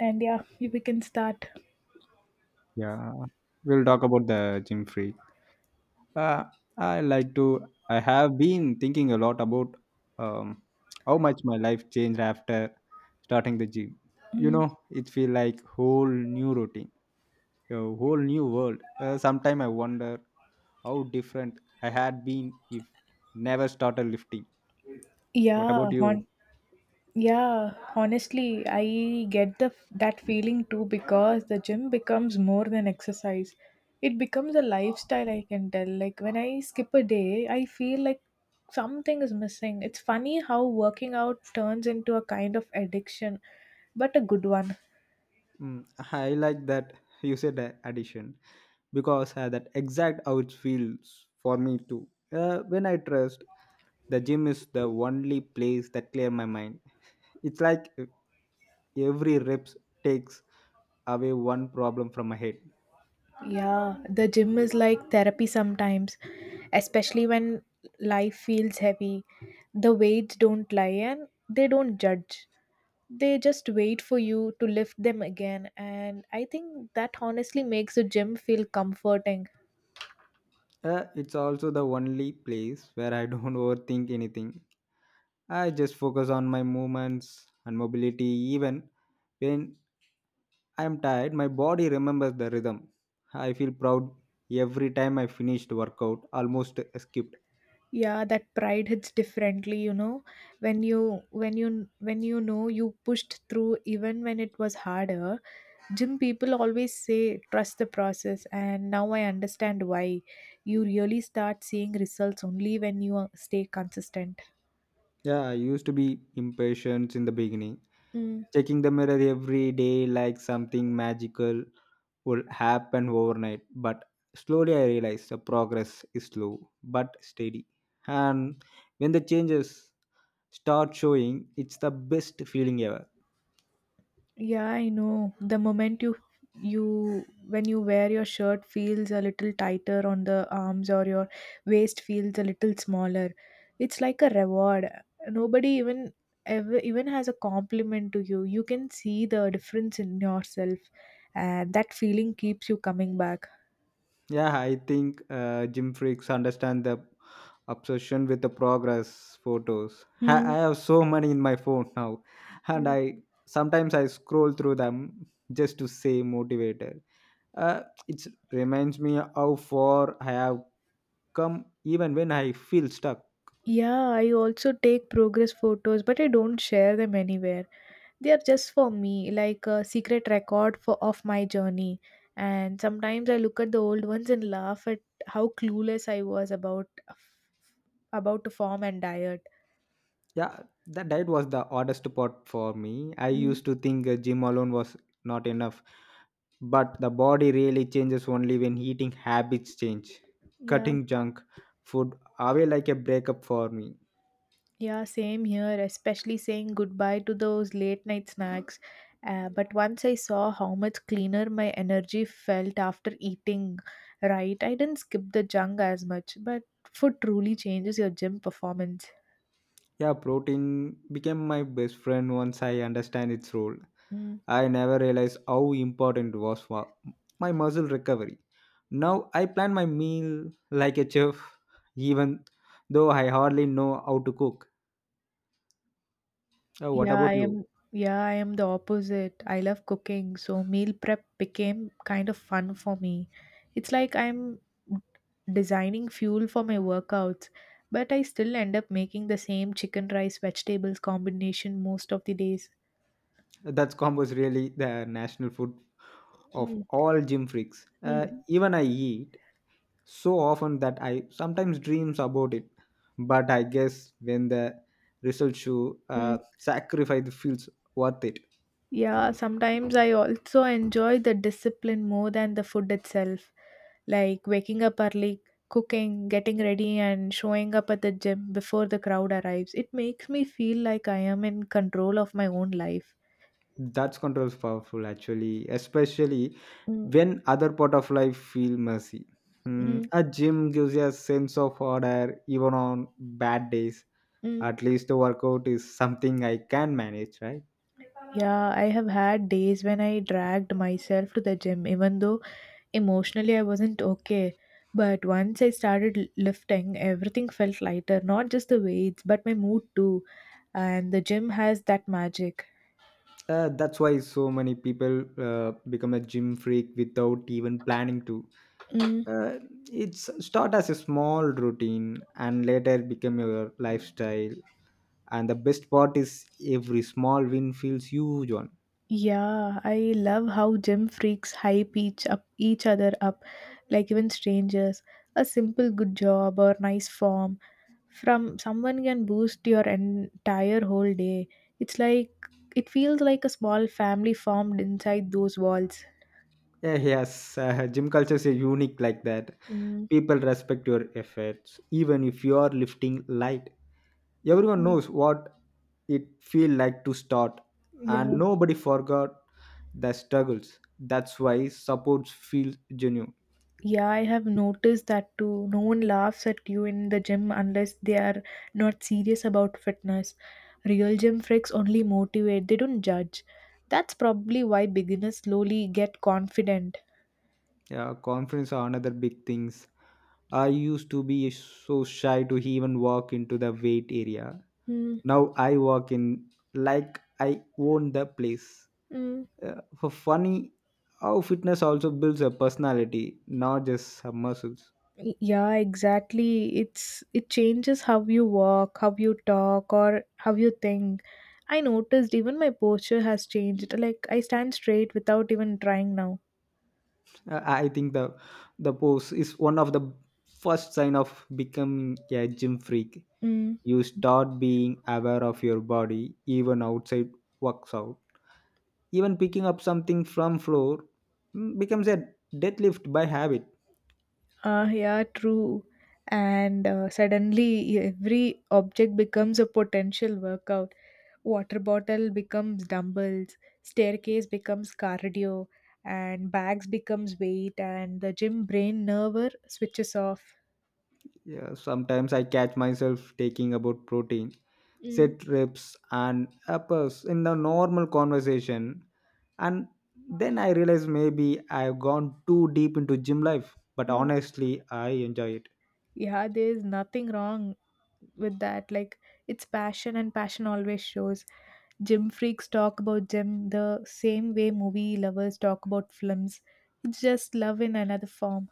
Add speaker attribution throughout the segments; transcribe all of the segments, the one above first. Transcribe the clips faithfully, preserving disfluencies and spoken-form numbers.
Speaker 1: And yeah, we can start.
Speaker 2: Yeah, we'll talk about the gym free. Uh, I like to. I have been thinking a lot about um, how much my life changed after starting the gym. You
Speaker 1: Mm.
Speaker 2: know, it feel like whole new routine, a whole new world. Uh, Sometimes I wonder how different I had been if never started lifting. What
Speaker 1: yeah
Speaker 2: about
Speaker 1: hon-
Speaker 2: you?
Speaker 1: yeah, honestly, I get the f- that feeling too, because the gym becomes more than exercise. It becomes a lifestyle, I can tell. Like when I skip a day, I feel like something is missing. It's funny how working out turns into a kind of addiction, but a good one.
Speaker 2: Mm, I like that you said a- addition because uh, that exact how it feels for me too. Uh, when I trust, the gym is the only place that clear my mind. It's like every reps takes away one problem from my head.
Speaker 1: Yeah, the gym is like therapy sometimes, especially when life feels heavy. The weights don't lie and they don't judge. They just wait for you to lift them again. And I think that honestly makes the gym feel comforting.
Speaker 2: Uh, it's also the only place where I don't overthink anything. I just focus on my movements and mobility, even when I am tired my body remembers the rhythm. I feel proud every time I finished workout almost skipped.
Speaker 1: Yeah, that pride hits differently, you know, when you when you when you know you pushed through even when it was harder. Gym people always say trust the process, and now I understand why. You really start seeing results only when you uh, stay consistent.
Speaker 2: Yeah, I used to be impatient in the beginning,
Speaker 1: Mm.
Speaker 2: checking the mirror every day like something magical would happen overnight, but slowly I realized the progress is slow but steady. And when the changes start showing, it's the best feeling ever.
Speaker 1: Yeah, I know. The moment you you when you wear your shirt feels a little tighter on the arms, or your waist feels a little smaller. It's like a reward. Nobody even ever even has a compliment to you. You can see the difference in yourself, and that feeling keeps you coming back.
Speaker 2: Yeah, I think uh, gym freaks understand the obsession with the progress photos. I,
Speaker 1: Hmm.
Speaker 2: I have so many in my phone now, and I sometimes I scroll through them just to say motivated. Uh, it reminds me how far I have come, even when I feel stuck.
Speaker 1: Yeah, I also take progress photos, but I don't share them anywhere. They are just for me, like a secret record for of my journey. And sometimes I look at the old ones and laugh at how clueless I was about about to form and diet.
Speaker 2: Yeah, the diet was the oddest part for me. I
Speaker 1: Mm,
Speaker 2: used to think a gym alone was not enough, but the body really changes only when eating habits change.
Speaker 1: yeah.
Speaker 2: Cutting junk food away like a breakup for me.
Speaker 1: Yeah, same here, especially saying goodbye to those late night snacks. Uh, but once I saw how much cleaner my energy felt after eating right, I didn't skip the junk as much, but food truly changes your gym performance.
Speaker 2: Yeah, protein became my best friend once I understand its role.
Speaker 1: Mm.
Speaker 2: I never realized how important it was for my muscle recovery. Now I plan my meal like a chef, even though I hardly know how to cook. Uh, what
Speaker 1: Yeah, I
Speaker 2: about you?
Speaker 1: am. Yeah, I am the opposite. I love cooking, so meal prep became kind of fun for me. It's like I'm designing fuel for my workouts, but I still end up making the same chicken rice vegetables combination most of the days.
Speaker 2: That combo is really the national food of
Speaker 1: Mm,
Speaker 2: all gym freaks. Uh,
Speaker 1: mm,
Speaker 2: even I eat so often that I sometimes dreams about it. But I guess when the result show,
Speaker 1: mm.
Speaker 2: uh, sacrifice feels worth it.
Speaker 1: Yeah, sometimes I also enjoy the discipline more than the food itself. Like waking up early, cooking, getting ready, and showing up at the gym before the crowd arrives. It makes me feel like I am in control of my own life.
Speaker 2: That's control is powerful actually, especially
Speaker 1: Mm,
Speaker 2: when other part of life feel messy. Hmm,
Speaker 1: mm,
Speaker 2: a gym gives you a sense of order even on bad days.
Speaker 1: mm.
Speaker 2: At least the workout is something I can manage, right?
Speaker 1: Yeah, I have had days when I dragged myself to the gym, even though emotionally I wasn't okay. But once I started l- lifting, everything felt lighter, not just the weights, but my mood too. And the gym has that magic.
Speaker 2: Uh, that's why so many people uh, become a gym freak without even planning to.
Speaker 1: Mm,
Speaker 2: Uh, it's start as a small routine and later become your lifestyle. And the best part is every small win feels huge one.
Speaker 1: yeah, I love how gym freaks hype each up each other up, like even strangers. A simple good job or nice form from someone can boost your entire whole day. It's like it feels like a small family formed inside those walls.
Speaker 2: Yeah, yes, uh, gym culture is unique like that.
Speaker 1: Mm,
Speaker 2: People respect your efforts, even if you are lifting light. Everyone
Speaker 1: mm,
Speaker 2: knows what it feel like to start,
Speaker 1: yeah.
Speaker 2: and nobody forgot the struggles. That's why supports feel genuine.
Speaker 1: Yeah, I have noticed that too. No one laughs at you in the gym unless they are not serious about fitness. Real gym freaks only motivate, they don't judge. That's probably why beginners slowly get confident.
Speaker 2: Yeah, conference are another big things. I used to be so shy to even walk into the wait area.
Speaker 1: Mm,
Speaker 2: Now I walk in like I own the place.
Speaker 1: mm.
Speaker 2: Uh, for funny, how fitness also builds a personality, not just some muscles.
Speaker 1: Y- Yeah, exactly. It's it changes how you walk, how you talk, or how you think. I noticed even my posture has changed. Like I stand straight without even trying now.
Speaker 2: Uh, I think the the pose is one of the first sign of becoming a gym freak.
Speaker 1: Mm.
Speaker 2: You start being aware of your body even outside works out. Even picking up something from floor mm, becomes a deadlift by habit.
Speaker 1: Ah, yeah, true. And uh, suddenly every object becomes a potential workout. Water bottle becomes dumbbells, staircase becomes cardio, and bags becomes weight, and the gym brain nerve switches off.
Speaker 2: Yeah, sometimes I catch myself taking about protein,
Speaker 1: Mm,
Speaker 2: set reps and uppers in the normal conversation, and then I realize maybe I've gone too deep into gym life. But
Speaker 1: mm.
Speaker 2: honestly, I enjoy it.
Speaker 1: Yeah, there's nothing wrong with that. Like it's passion, and passion always shows. Gym freaks talk about gym the same way movie lovers talk about films. It's just love in another form.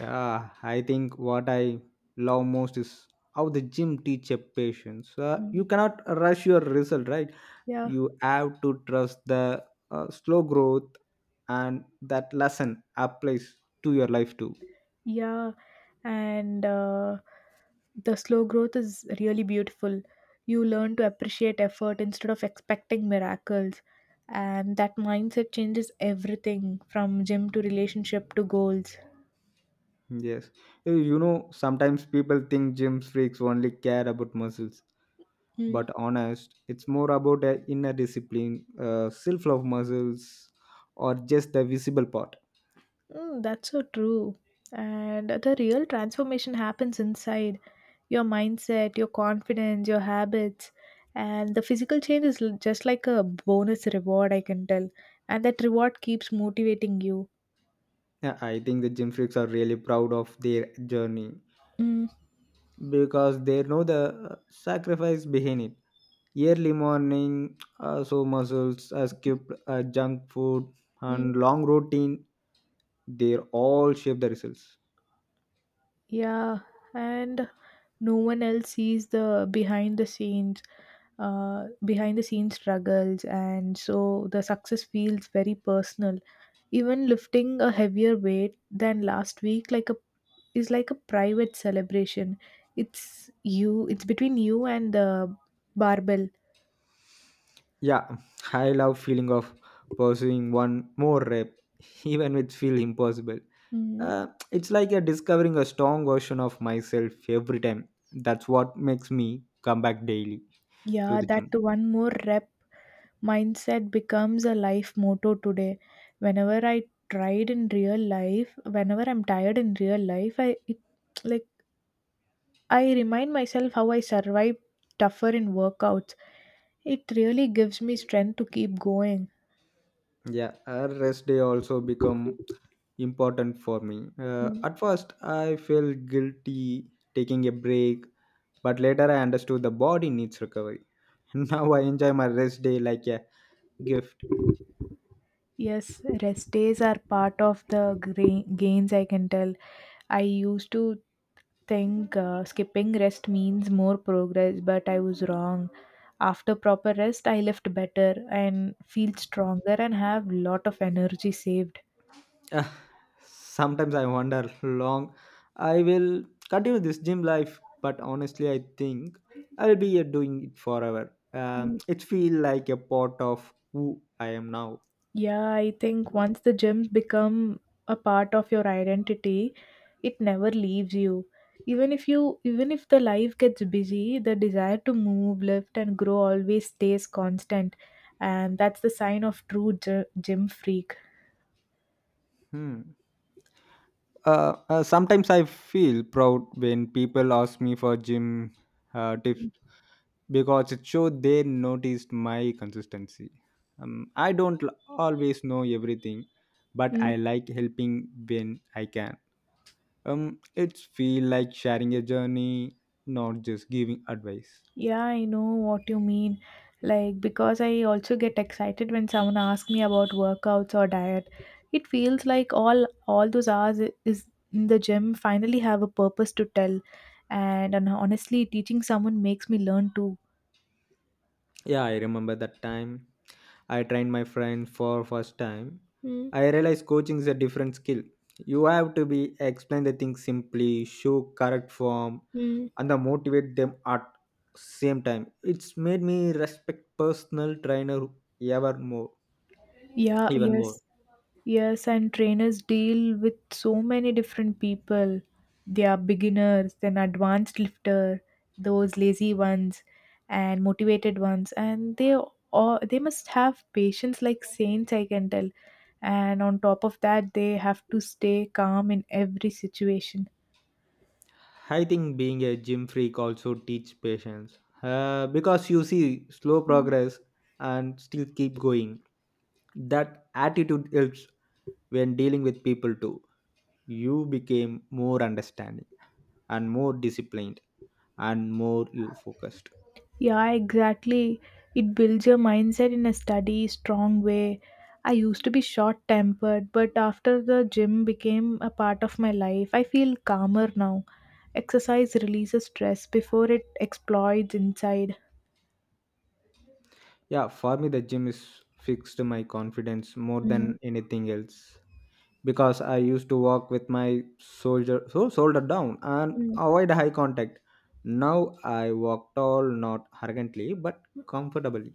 Speaker 2: Yeah, I think what I love most is how the gym teach a patience. Uh, you cannot rush your result, right?
Speaker 1: Yeah,
Speaker 2: You have to trust the uh, slow growth, and that lesson applies to your life too.
Speaker 1: yeah. And uh, the slow growth is really beautiful. You learn to appreciate effort instead of expecting miracles. And that mindset changes everything from gym to relationship to goals.
Speaker 2: Yes, you you know sometimes people think gym freaks only care about muscles,
Speaker 1: Mm,
Speaker 2: but honest, it's more about a inner discipline, uh, self-love muscles, or just the visible part.
Speaker 1: mm, that's so true. And the real transformation happens inside your mindset, your confidence, your habits. And the physical change is l- just like a bonus reward, I can tell. And that reward keeps motivating you.
Speaker 2: Yeah, I think the gym freaks are really proud of their journey
Speaker 1: Hmm.
Speaker 2: because they know the uh, sacrifice behind it. Early morning, uh, so muscles, uh, skip uh, junk food,
Speaker 1: Mm.
Speaker 2: and long routine, they all shape the results.
Speaker 1: Yeah, and no one else sees the behind the scenes, uh, behind the scenes struggles, and so the success feels very personal. Even lifting a heavier weight than last week, like a, is like a private celebration. It's you. It's between you and the barbell.
Speaker 2: Yeah, I love feeling of pursuing one more rep, even with feel impossible. Uh, it's like a discovering a strong version of myself every time. That's what makes me come back daily to
Speaker 1: Yeah,
Speaker 2: the
Speaker 1: that
Speaker 2: gym.
Speaker 1: one more rep mindset becomes a life motto today. Whenever I tried in real life, whenever I'm tired in real life, I it, like I remind myself how I survived tougher in workouts. It really gives me strength to keep going.
Speaker 2: Yeah, a rest day also become important for me. Uh,
Speaker 1: Mm.
Speaker 2: at first, I felt guilty taking a break, but later I understood the body needs recovery. Now I enjoy my rest day like a gift.
Speaker 1: Yes, rest days are part of the gra- gains, I can tell. I used to think uh, skipping rest means more progress, but I was wrong. After proper rest, I lift better and feel stronger and have lot of energy saved.
Speaker 2: Ah, sometimes I wonder long I will continue this gym life, but honestly, I think I'll be uh, doing it forever. Um,
Speaker 1: Mm,
Speaker 2: it feels like a part of who I am now.
Speaker 1: yeah, I think once the gyms become a part of your identity, it never leaves you. Even if you even if the life gets busy, the desire to move, lift and grow always stays constant. And that's the sign of true gy- gym freak.
Speaker 2: Hmm. Uh, uh, sometimes I feel proud when people ask me for gym uh, tips because it showed they noticed my consistency. Um, I don't l- always know everything, but I like helping when I can. Um, it's feel like sharing a journey, not just giving advice.
Speaker 1: Yeah, I know what you mean. Like, because I also get excited when someone asks me about workouts or diet. It feels like all all those hours i- is in the gym finally have a purpose to tell. And, and honestly, teaching someone makes me learn too.
Speaker 2: Yeah, I remember that time. I trained my friend for first time.
Speaker 1: Mm,
Speaker 2: I realized coaching is a different skill. You have to be explain the things simply, show correct form,
Speaker 1: mm.
Speaker 2: and the motivate them at same time. It's made me respect personal trainer ever more,
Speaker 1: Yeah,
Speaker 2: even more.
Speaker 1: yes. Yes, and trainers deal with so many different people. They are beginners, then advanced lifter, those lazy ones, and motivated ones, and they all they must have patience like saints, I can tell. And on top of that, they have to stay calm in every situation.
Speaker 2: I think being a gym freak also teach patience uh, because you see slow progress and still keep going. That attitude helps when dealing with people too. You became more understanding and more disciplined and more you focused.
Speaker 1: Yeah, exactly. It builds your mindset in a steady, strong way. I used to be short tempered, but after the gym became a part of my life, I feel calmer now. Exercise releases stress before it explodes inside.
Speaker 2: Yeah, for me, the gym is fixed my confidence more
Speaker 1: Mm,
Speaker 2: than anything else because I used to walk with my soldier so shoulder down and
Speaker 1: mm.
Speaker 2: avoid high contact. Now I walk tall, not arrogantly, but comfortably.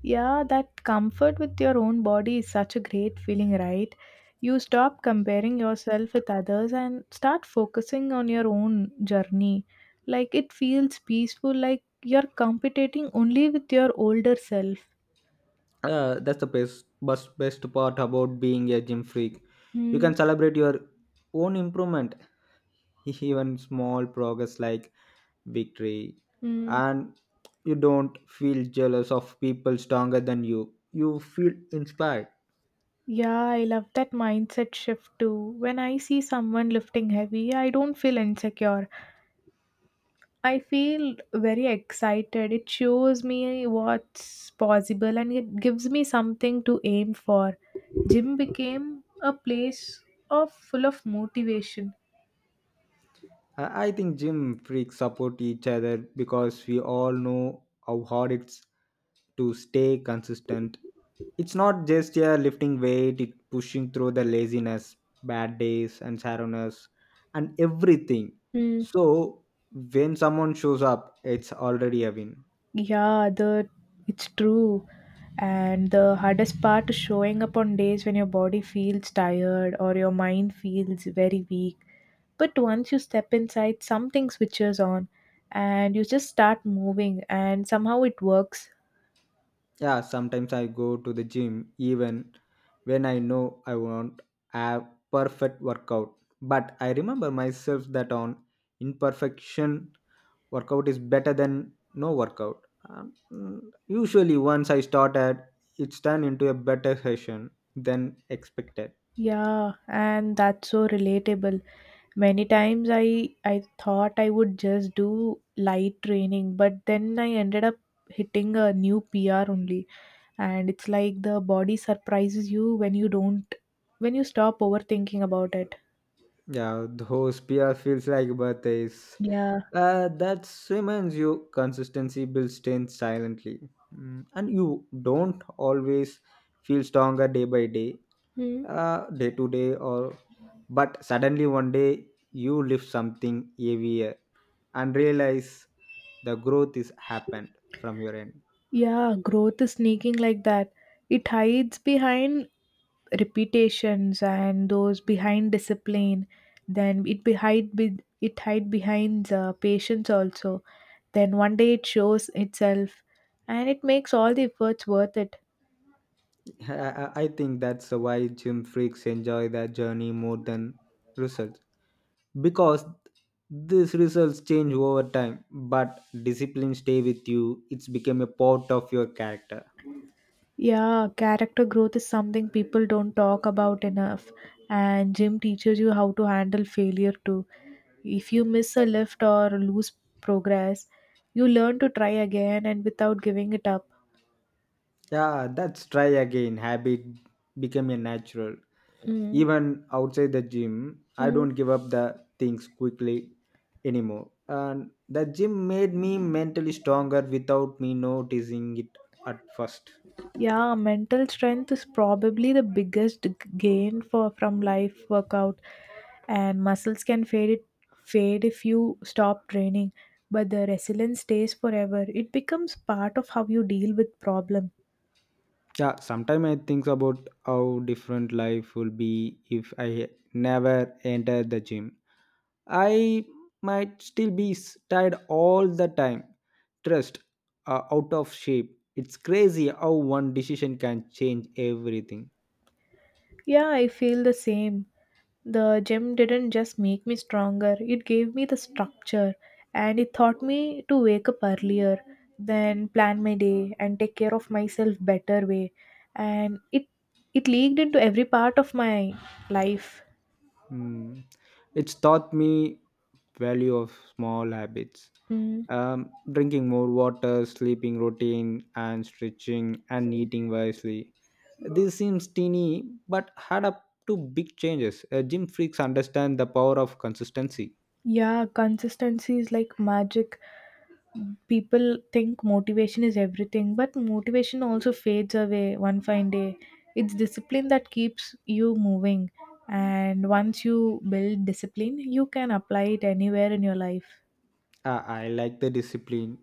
Speaker 1: Yeah, that comfort with your own body is such a great feeling, right? You stop comparing yourself with others and start focusing on your own journey. Like it feels peaceful, like you're competing only with your older self.
Speaker 2: Uh, that's the best, best, best part about being a gym freak. You
Speaker 1: Mm,
Speaker 2: can celebrate your own improvement, even small progress like victory,
Speaker 1: mm.
Speaker 2: and you don't feel jealous of people stronger than you. You feel inspired.
Speaker 1: Yeah, I love that mindset shift too. When I see someone lifting heavy, I don't feel insecure. I feel very excited. It shows me what's possible and it gives me something to aim for. Gym became a place of full of motivation.
Speaker 2: I I think gym freaks support each other because we all know how hard it's to stay consistent. It's not just yeah lifting weight, it's pushing through the laziness, bad days and sadness, and everything.
Speaker 1: Mm,
Speaker 2: So when someone shows up, it's already a win.
Speaker 1: yeah, the it's true. And the hardest part is showing up on days when your body feels tired or your mind feels very weak. But once you step inside, something switches on and you just start moving and somehow it works.
Speaker 2: Yeah, sometimes I go to the gym even when I know I won't have perfect workout. But I remember myself that on imperfection workout is better than no workout. Um, mm, usually once I started, it's turned into a better session than expected.
Speaker 1: Yeah, and that's so relatable. Many times I I thought I would just do light training, but then I ended up hitting a new P R only. And it's like the body surprises you when you don't when you stop overthinking about it.
Speaker 2: Yeah, those P R feels like birthdays.
Speaker 1: Yeah.
Speaker 2: Uh, that reminds you consistency builds strength silently. Mm, and you don't always feel stronger day by day,
Speaker 1: Hmm.
Speaker 2: uh, day to day, or but suddenly one day you lift something heavier and realize the growth is happened from your end.
Speaker 1: Yeah, growth is sneaking like that. It hides behind repetitions and those behind discipline, then it behind be- it hide behind uh, patience also, then one day it shows itself and it makes all the efforts worth it.
Speaker 2: I I- I think that's why gym freaks enjoy the journey more than results. Because these results change over time, but discipline stay with you, it's become a part of your character.
Speaker 1: Yeah, character growth is something people don't talk about enough, and gym teaches you how to handle failure too. If you miss a lift or lose progress, you learn to try again and without giving it up.
Speaker 2: yeah that's try again habit become a natural
Speaker 1: Mm.
Speaker 2: even outside the gym. I
Speaker 1: Mm.
Speaker 2: don't give up the things quickly anymore, and the gym made me mentally stronger without me noticing it at first.
Speaker 1: Yeah, mental strength is probably the biggest g- gain for from life workout, and muscles can fade it fade if you stop training, but the resilience stays forever. It becomes part of how you deal with problem.
Speaker 2: Yeah, sometimes I think about how different life will be if I never entered the gym. I might still be s- tired all the time, stressed, uh, out of shape. It's crazy how one decision can change everything.
Speaker 1: Yeah, I feel the same. The gym didn't just make me stronger, it gave me the structure, and it taught me to wake up earlier, then plan my day and take care of myself better way. And it it leaked into every part of my life.
Speaker 2: Hmm. It's taught me value of small habits.
Speaker 1: Mm.
Speaker 2: Um, drinking more water, sleeping routine, and stretching and eating wisely. This seems teeny, but add up to big changes. Uh, gym freaks understand the power of consistency.
Speaker 1: Yeah, consistency is like magic. People think motivation is everything, but motivation also fades away one fine day. It's discipline that keeps you moving, and once you build discipline, you can apply it anywhere in your life.
Speaker 2: Uh, I like the discipline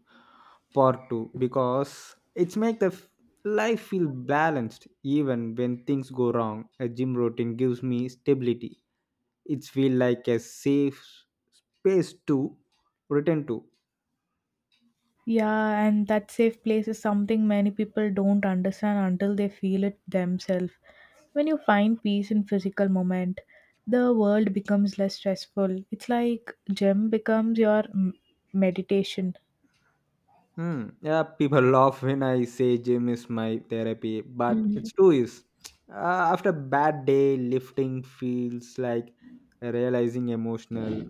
Speaker 2: part two because it's make the f- life feel balanced even when things go wrong. A gym routine gives me stability. It feel like a safe space to return to.
Speaker 1: Yeah, and that safe place is something many people don't understand until they feel it themselves. When you find peace in physical moment, the world becomes less stressful. It's like gym becomes your m- meditation.
Speaker 2: Hmm. Yeah, people laugh when I say gym is my therapy, but
Speaker 1: Mhm.
Speaker 2: it's true. Is uh, after bad day, lifting feels like realizing emotional.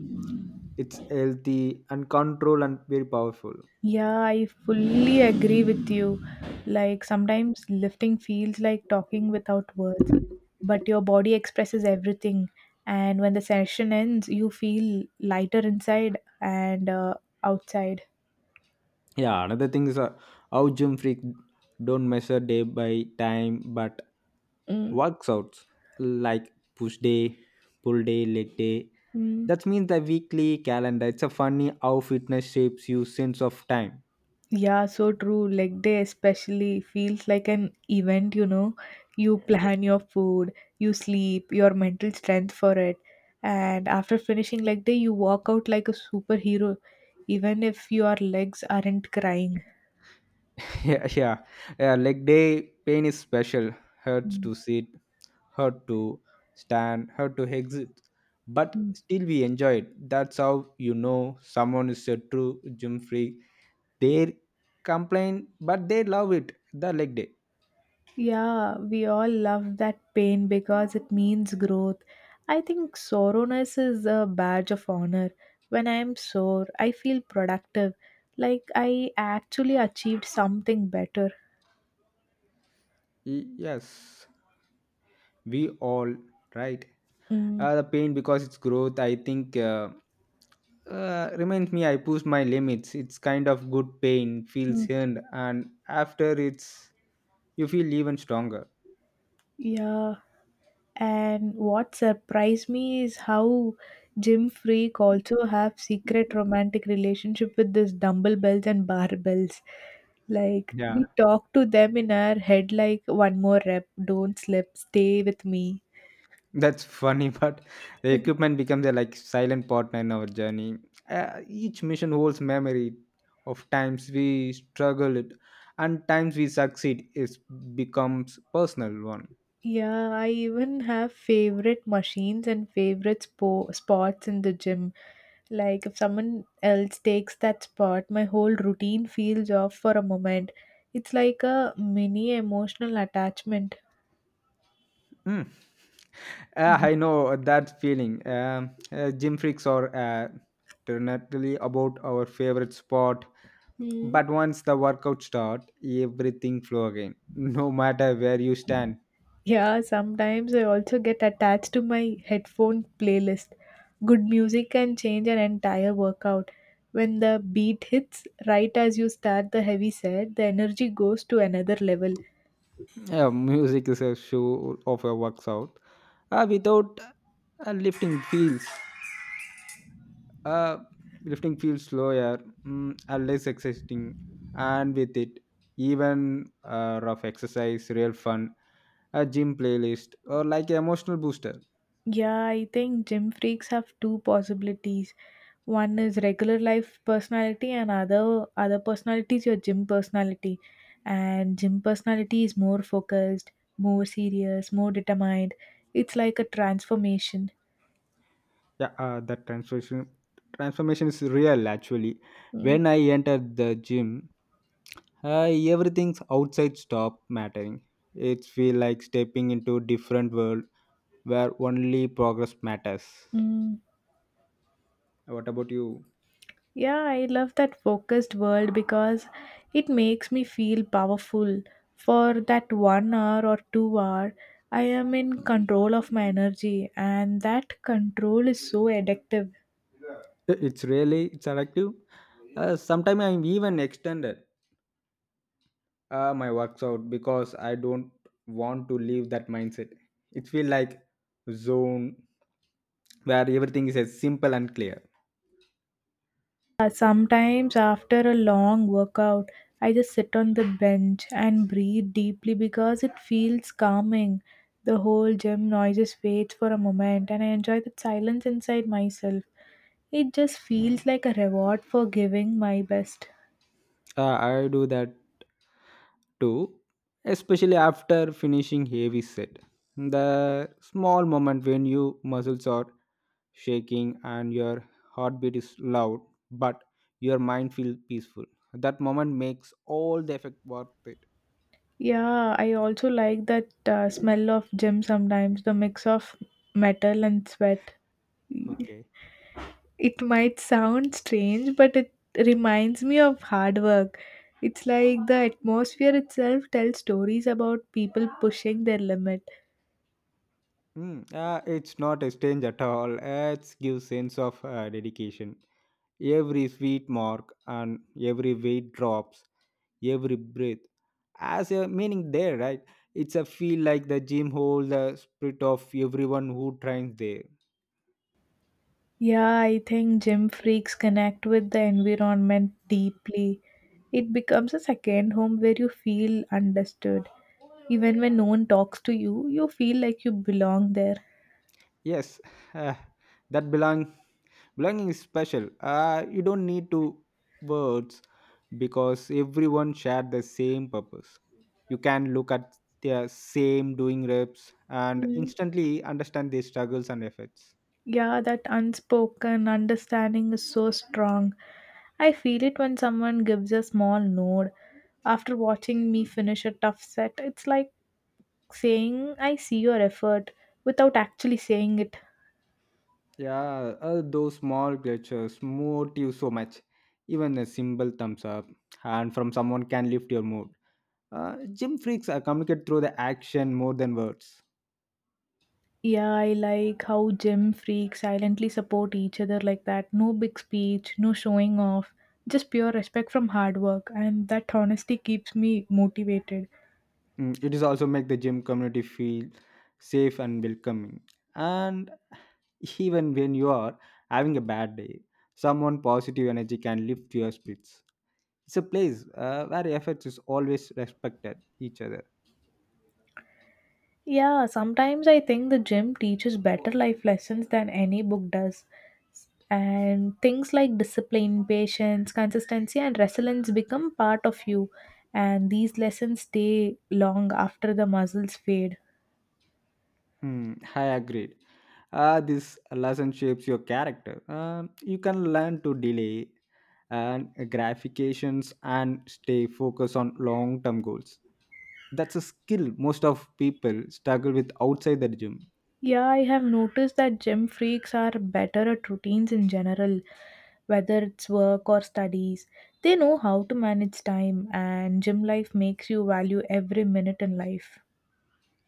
Speaker 2: It's healthy and control and very powerful.
Speaker 1: Yeah, I fully agree with you. Like sometimes lifting feels like talking without words, but your body expresses everything. And when the session ends, you feel lighter inside and uh, outside.
Speaker 2: Yeah, another thing is uh, how gym freak don't measure day by time but workouts like push day, pull day, leg day.
Speaker 1: Mm-hmm.
Speaker 2: That means the weekly calendar. It's a funny how fitness shapes you sense of time.
Speaker 1: Yeah, so true. Leg day especially feels like an event, you know. You plan your food, you sleep, your mental strength for it. And after finishing leg day, you walk out like a superhero, even if your legs aren't crying.
Speaker 2: Yeah, yeah, yeah. Leg day pain is special. Hurts to sit, hurt to stand, hurt to exit. But
Speaker 1: Mhm.
Speaker 2: still, we enjoy it. That's how you know someone is a true gym freak. They complain but they love it, the leg day.
Speaker 1: Yeah, we all love that pain because it means growth. I think soreness is a badge of honor. When I am sore, I feel productive, like I actually achieved something better.
Speaker 2: Y- yes, we all right,
Speaker 1: Mm,
Speaker 2: uh, the pain because it's growth. I think uh, uh, reminds me I push my limits, it's kind of good pain feels
Speaker 1: mm,
Speaker 2: earned, and after it's you feel even stronger.
Speaker 1: yeah, and what surprised me is how gym freak also have secret romantic relationship with this dumbbells and barbells. Like
Speaker 2: Yeah,
Speaker 1: we talk to them in our head like one more rep, don't slip, stay with me.
Speaker 2: that's funny, but the equipment becomes a like silent partner in our journey. Uh, each mission holds memory of times we struggled and times we succeed. It becomes personal one.
Speaker 1: Yeah, I even have favorite machines and favorite spo spots in the gym. Like if someone else takes that spot, my whole routine feels off for a moment. It's like a mini emotional attachment.
Speaker 2: Mm. Uh,
Speaker 1: Mhm.
Speaker 2: I know that feeling. Um uh, gym freaks are uh, definitely about our favorite sport,
Speaker 1: Mm.
Speaker 2: but once the workout start, everything flow again. No matter where you stand.
Speaker 1: Yeah, sometimes I also get attached to my headphone playlist. Good music can change an entire workout. When the beat hits right as you start the heavy set, the energy goes to another level.
Speaker 2: Yeah, music is a show of a works out. Uh, without uh, lifting feels, uh, lifting feels slower, mm, and less exciting, and with it, even uh, rough exercise, real fun, a gym playlist, or like emotional booster.
Speaker 1: Yeah, I think gym freaks have two possibilities. One is regular life personality and other other personality is your gym personality. And gym personality is more focused, more serious, more determined. It's like a transformation.
Speaker 2: Yeah, uh, that transformation transformation is real actually.
Speaker 1: Mm,
Speaker 2: When I entered the gym, uh, everything's outside stop mattering. It feel like stepping into different world where only progress matters.
Speaker 1: mm.
Speaker 2: What about you?
Speaker 1: Yeah, I love that focused world because it makes me feel powerful. For that one hour or two hour, I am in control of my energy, and that control is so addictive.
Speaker 2: I- it's really it's addictive. Uh, sometimes I'm even extended uh, my works out because I don't want to leave that mindset. It feels like zone where everything is as simple and clear.
Speaker 1: Uh, sometimes after a long workout, I just sit on the bench and breathe deeply because it feels calming. The whole gym noises fades for a moment and I enjoy the silence inside myself. It just feels like a reward for giving my best.
Speaker 2: uh, I do that too, especially after finishing heavy set, the small moment when you muscles are shaking and your heartbeat is loud, but your mind feels peaceful. That moment makes all the effect worth it.
Speaker 1: Yeah, I also like that uh, smell of gym sometimes, the mix of metal and sweat.
Speaker 2: Okay.
Speaker 1: It might sound strange, but it reminds me of hard work. It's like the atmosphere itself tells stories about people pushing their limit.
Speaker 2: Hmm. uh, it's not a strange at all. It gives sense of uh, dedication. Every sweet mark and every weight drops, every breath has a meaning there, right? It's a feel like the gym holds the spirit of everyone who trains there.
Speaker 1: Yeah, I think gym freaks connect with the environment deeply. It becomes a second home where you feel understood. Even when no one talks to you, you feel like you belong there.
Speaker 2: Yes, uh, that belong belonging is special. Uh, you don't need to words because everyone shared the same purpose. You can look at their same doing reps and
Speaker 1: Mm.
Speaker 2: instantly understand their struggles and efforts.
Speaker 1: Yeah, that unspoken understanding is so strong. I feel it when someone gives a small nod after watching me finish a tough set. It's like saying, I see your effort without actually saying it.
Speaker 2: Yeah, uh, those small gestures motivate you so much. Even a simple thumbs up and from someone can lift your mood. Uh, gym freaks are communicate through the action more than words.
Speaker 1: Yeah, I like how gym freaks silently support each other like that. No big speech, no showing off, just pure respect from hard work, and that honesty keeps me motivated.
Speaker 2: Mm, it is also make the gym community feel safe and welcoming, and even when you are having a bad day, someone positive energy can lift your spirits. It's a place uh, where efforts is always respected each other.
Speaker 1: Yeah, sometimes I think the gym teaches better life lessons than any book does. And things like discipline, patience, consistency and resilience become part of you, and these lessons stay long after the muscles fade.
Speaker 2: Mm, I agreed. Uh, this lesson shapes your character. Um, you can learn to delay and gratifications and stay focused on long-term goals. That's a skill most of people struggle with outside the gym.
Speaker 1: Yeah, I have noticed that gym freaks are better at routines in general, whether it's work or studies. They know how to manage time, and gym life makes you value every minute in life.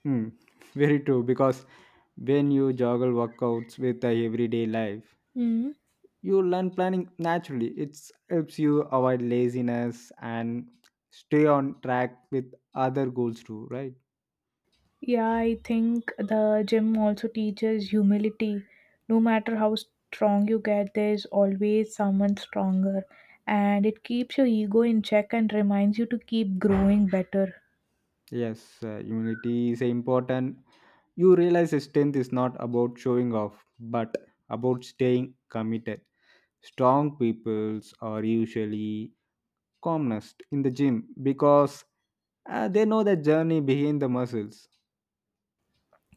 Speaker 2: Hmm, very true. Because when you juggle workouts with the everyday life,
Speaker 1: Hmm.
Speaker 2: you learn planning naturally. It helps you avoid laziness and stay on track with other goals too, right?
Speaker 1: Yeah, I think the gym also teaches humility. No matter how strong you get, there's always someone stronger, and it keeps your ego in check and reminds you to keep growing better.
Speaker 2: Yes, uh, humility is important. You realize that strength is not about showing off, but about staying committed. Strong peoples are usually calmest in the gym because uh, they know the journey behind the muscles.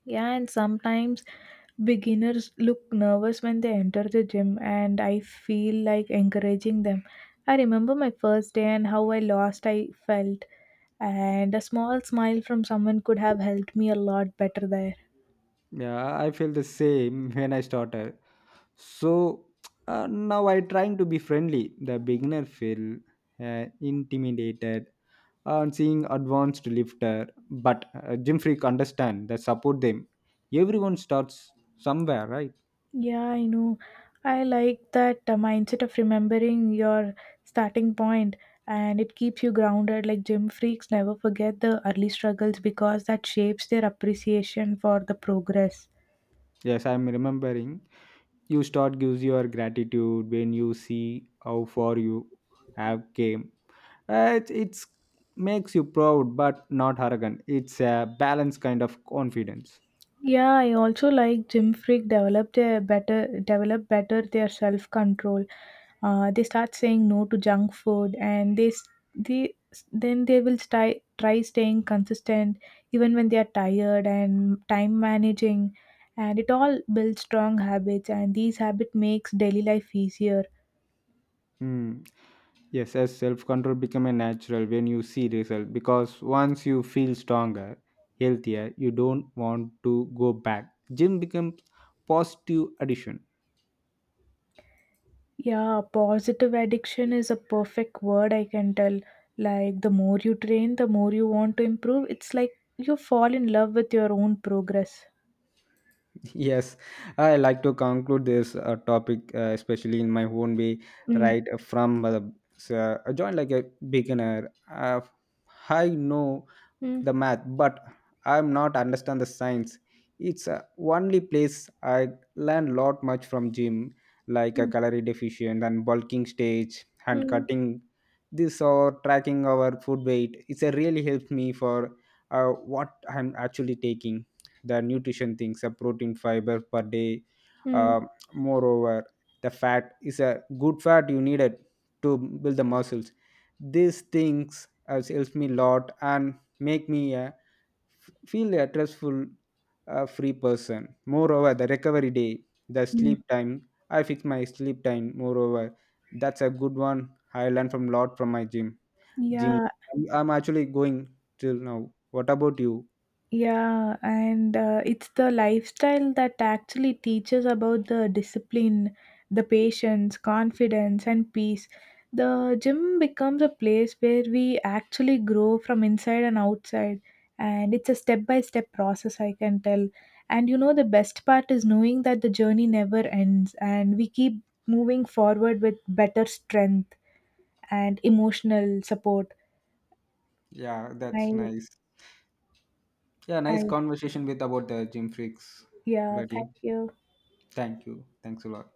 Speaker 1: Yeah, and sometimes beginners look nervous when they enter the gym, and I feel like encouraging them. I remember my first day and how I lost I felt, and a small smile from someone could have helped me a lot better there.
Speaker 2: Yeah, I feel the same when I started. So uh, now I trying to be friendly. The beginner feel uh, intimidated on seeing advanced lifter, but uh, gym freak understand that support them. Everyone starts somewhere, right?
Speaker 1: Yeah, I know. I like that uh, mindset of remembering your starting point, and it keeps you grounded. Like gym freaks never forget the early struggles because that shapes their appreciation for the progress.
Speaker 2: Yes, I'm remembering. You start gives your gratitude when you see how far you have came. Uh, it it's makes you proud, but not arrogant. It's a balanced kind of confidence.
Speaker 1: Yeah, I also like Gym Freak develop their better develop better their self control. Uh, they start saying no to junk food, and they s- they then they will try try staying consistent even when they are tired and time managing, and it all builds strong habits, and these habit makes daily life easier.
Speaker 2: Hmm. Yes, as self control become a natural when you see result because once you feel stronger, healthier, you don't want to go back. Gym becomes positive addition.
Speaker 1: Yeah, positive addiction is a perfect word, I can tell. Like, the more you train, the more you want to improve. It's like you fall in love with your own progress.
Speaker 2: Yes, I like to conclude this uh, topic, uh, especially in my own way,
Speaker 1: Mm,
Speaker 2: right uh, from uh, so, I joined like a beginner. Uh, I know
Speaker 1: mm,
Speaker 2: the math, but I'm not understand the science. It's uh, only place I learn lot much from gym, like a
Speaker 1: mm,
Speaker 2: calorie deficient and bulking stage and
Speaker 1: mm,
Speaker 2: cutting this or tracking our food weight. It's a really helped me for uh, what I'm actually taking the nutrition things a protein fiber per day.
Speaker 1: mm,
Speaker 2: Um, moreover the fat is a good fat you need it to build the muscles. These things has helps me a lot and make me a feel a stressful uh, free person. Moreover the recovery day, the
Speaker 1: mm.
Speaker 2: sleep time, I fix my sleep time. Moreover that's a good one I learned from lot from my gym gym
Speaker 1: Yeah,
Speaker 2: i'm I'm actually going till now. What about you?
Speaker 1: Yeah, and uh, it's the lifestyle that actually teaches about the discipline, the patience, confidence, and peace. The gym becomes a place where we actually grow from inside and outside, and it's a step by step process, I can tell. And you know, the best part is knowing that the journey never ends, and we keep moving forward with better strength and emotional support.
Speaker 2: Yeah, that's
Speaker 1: I,
Speaker 2: nice. Yeah, nice
Speaker 1: I,
Speaker 2: conversation with about the gym freaks,
Speaker 1: yeah, thank
Speaker 2: buddy.
Speaker 1: you.
Speaker 2: Thank you. Thanks a lot.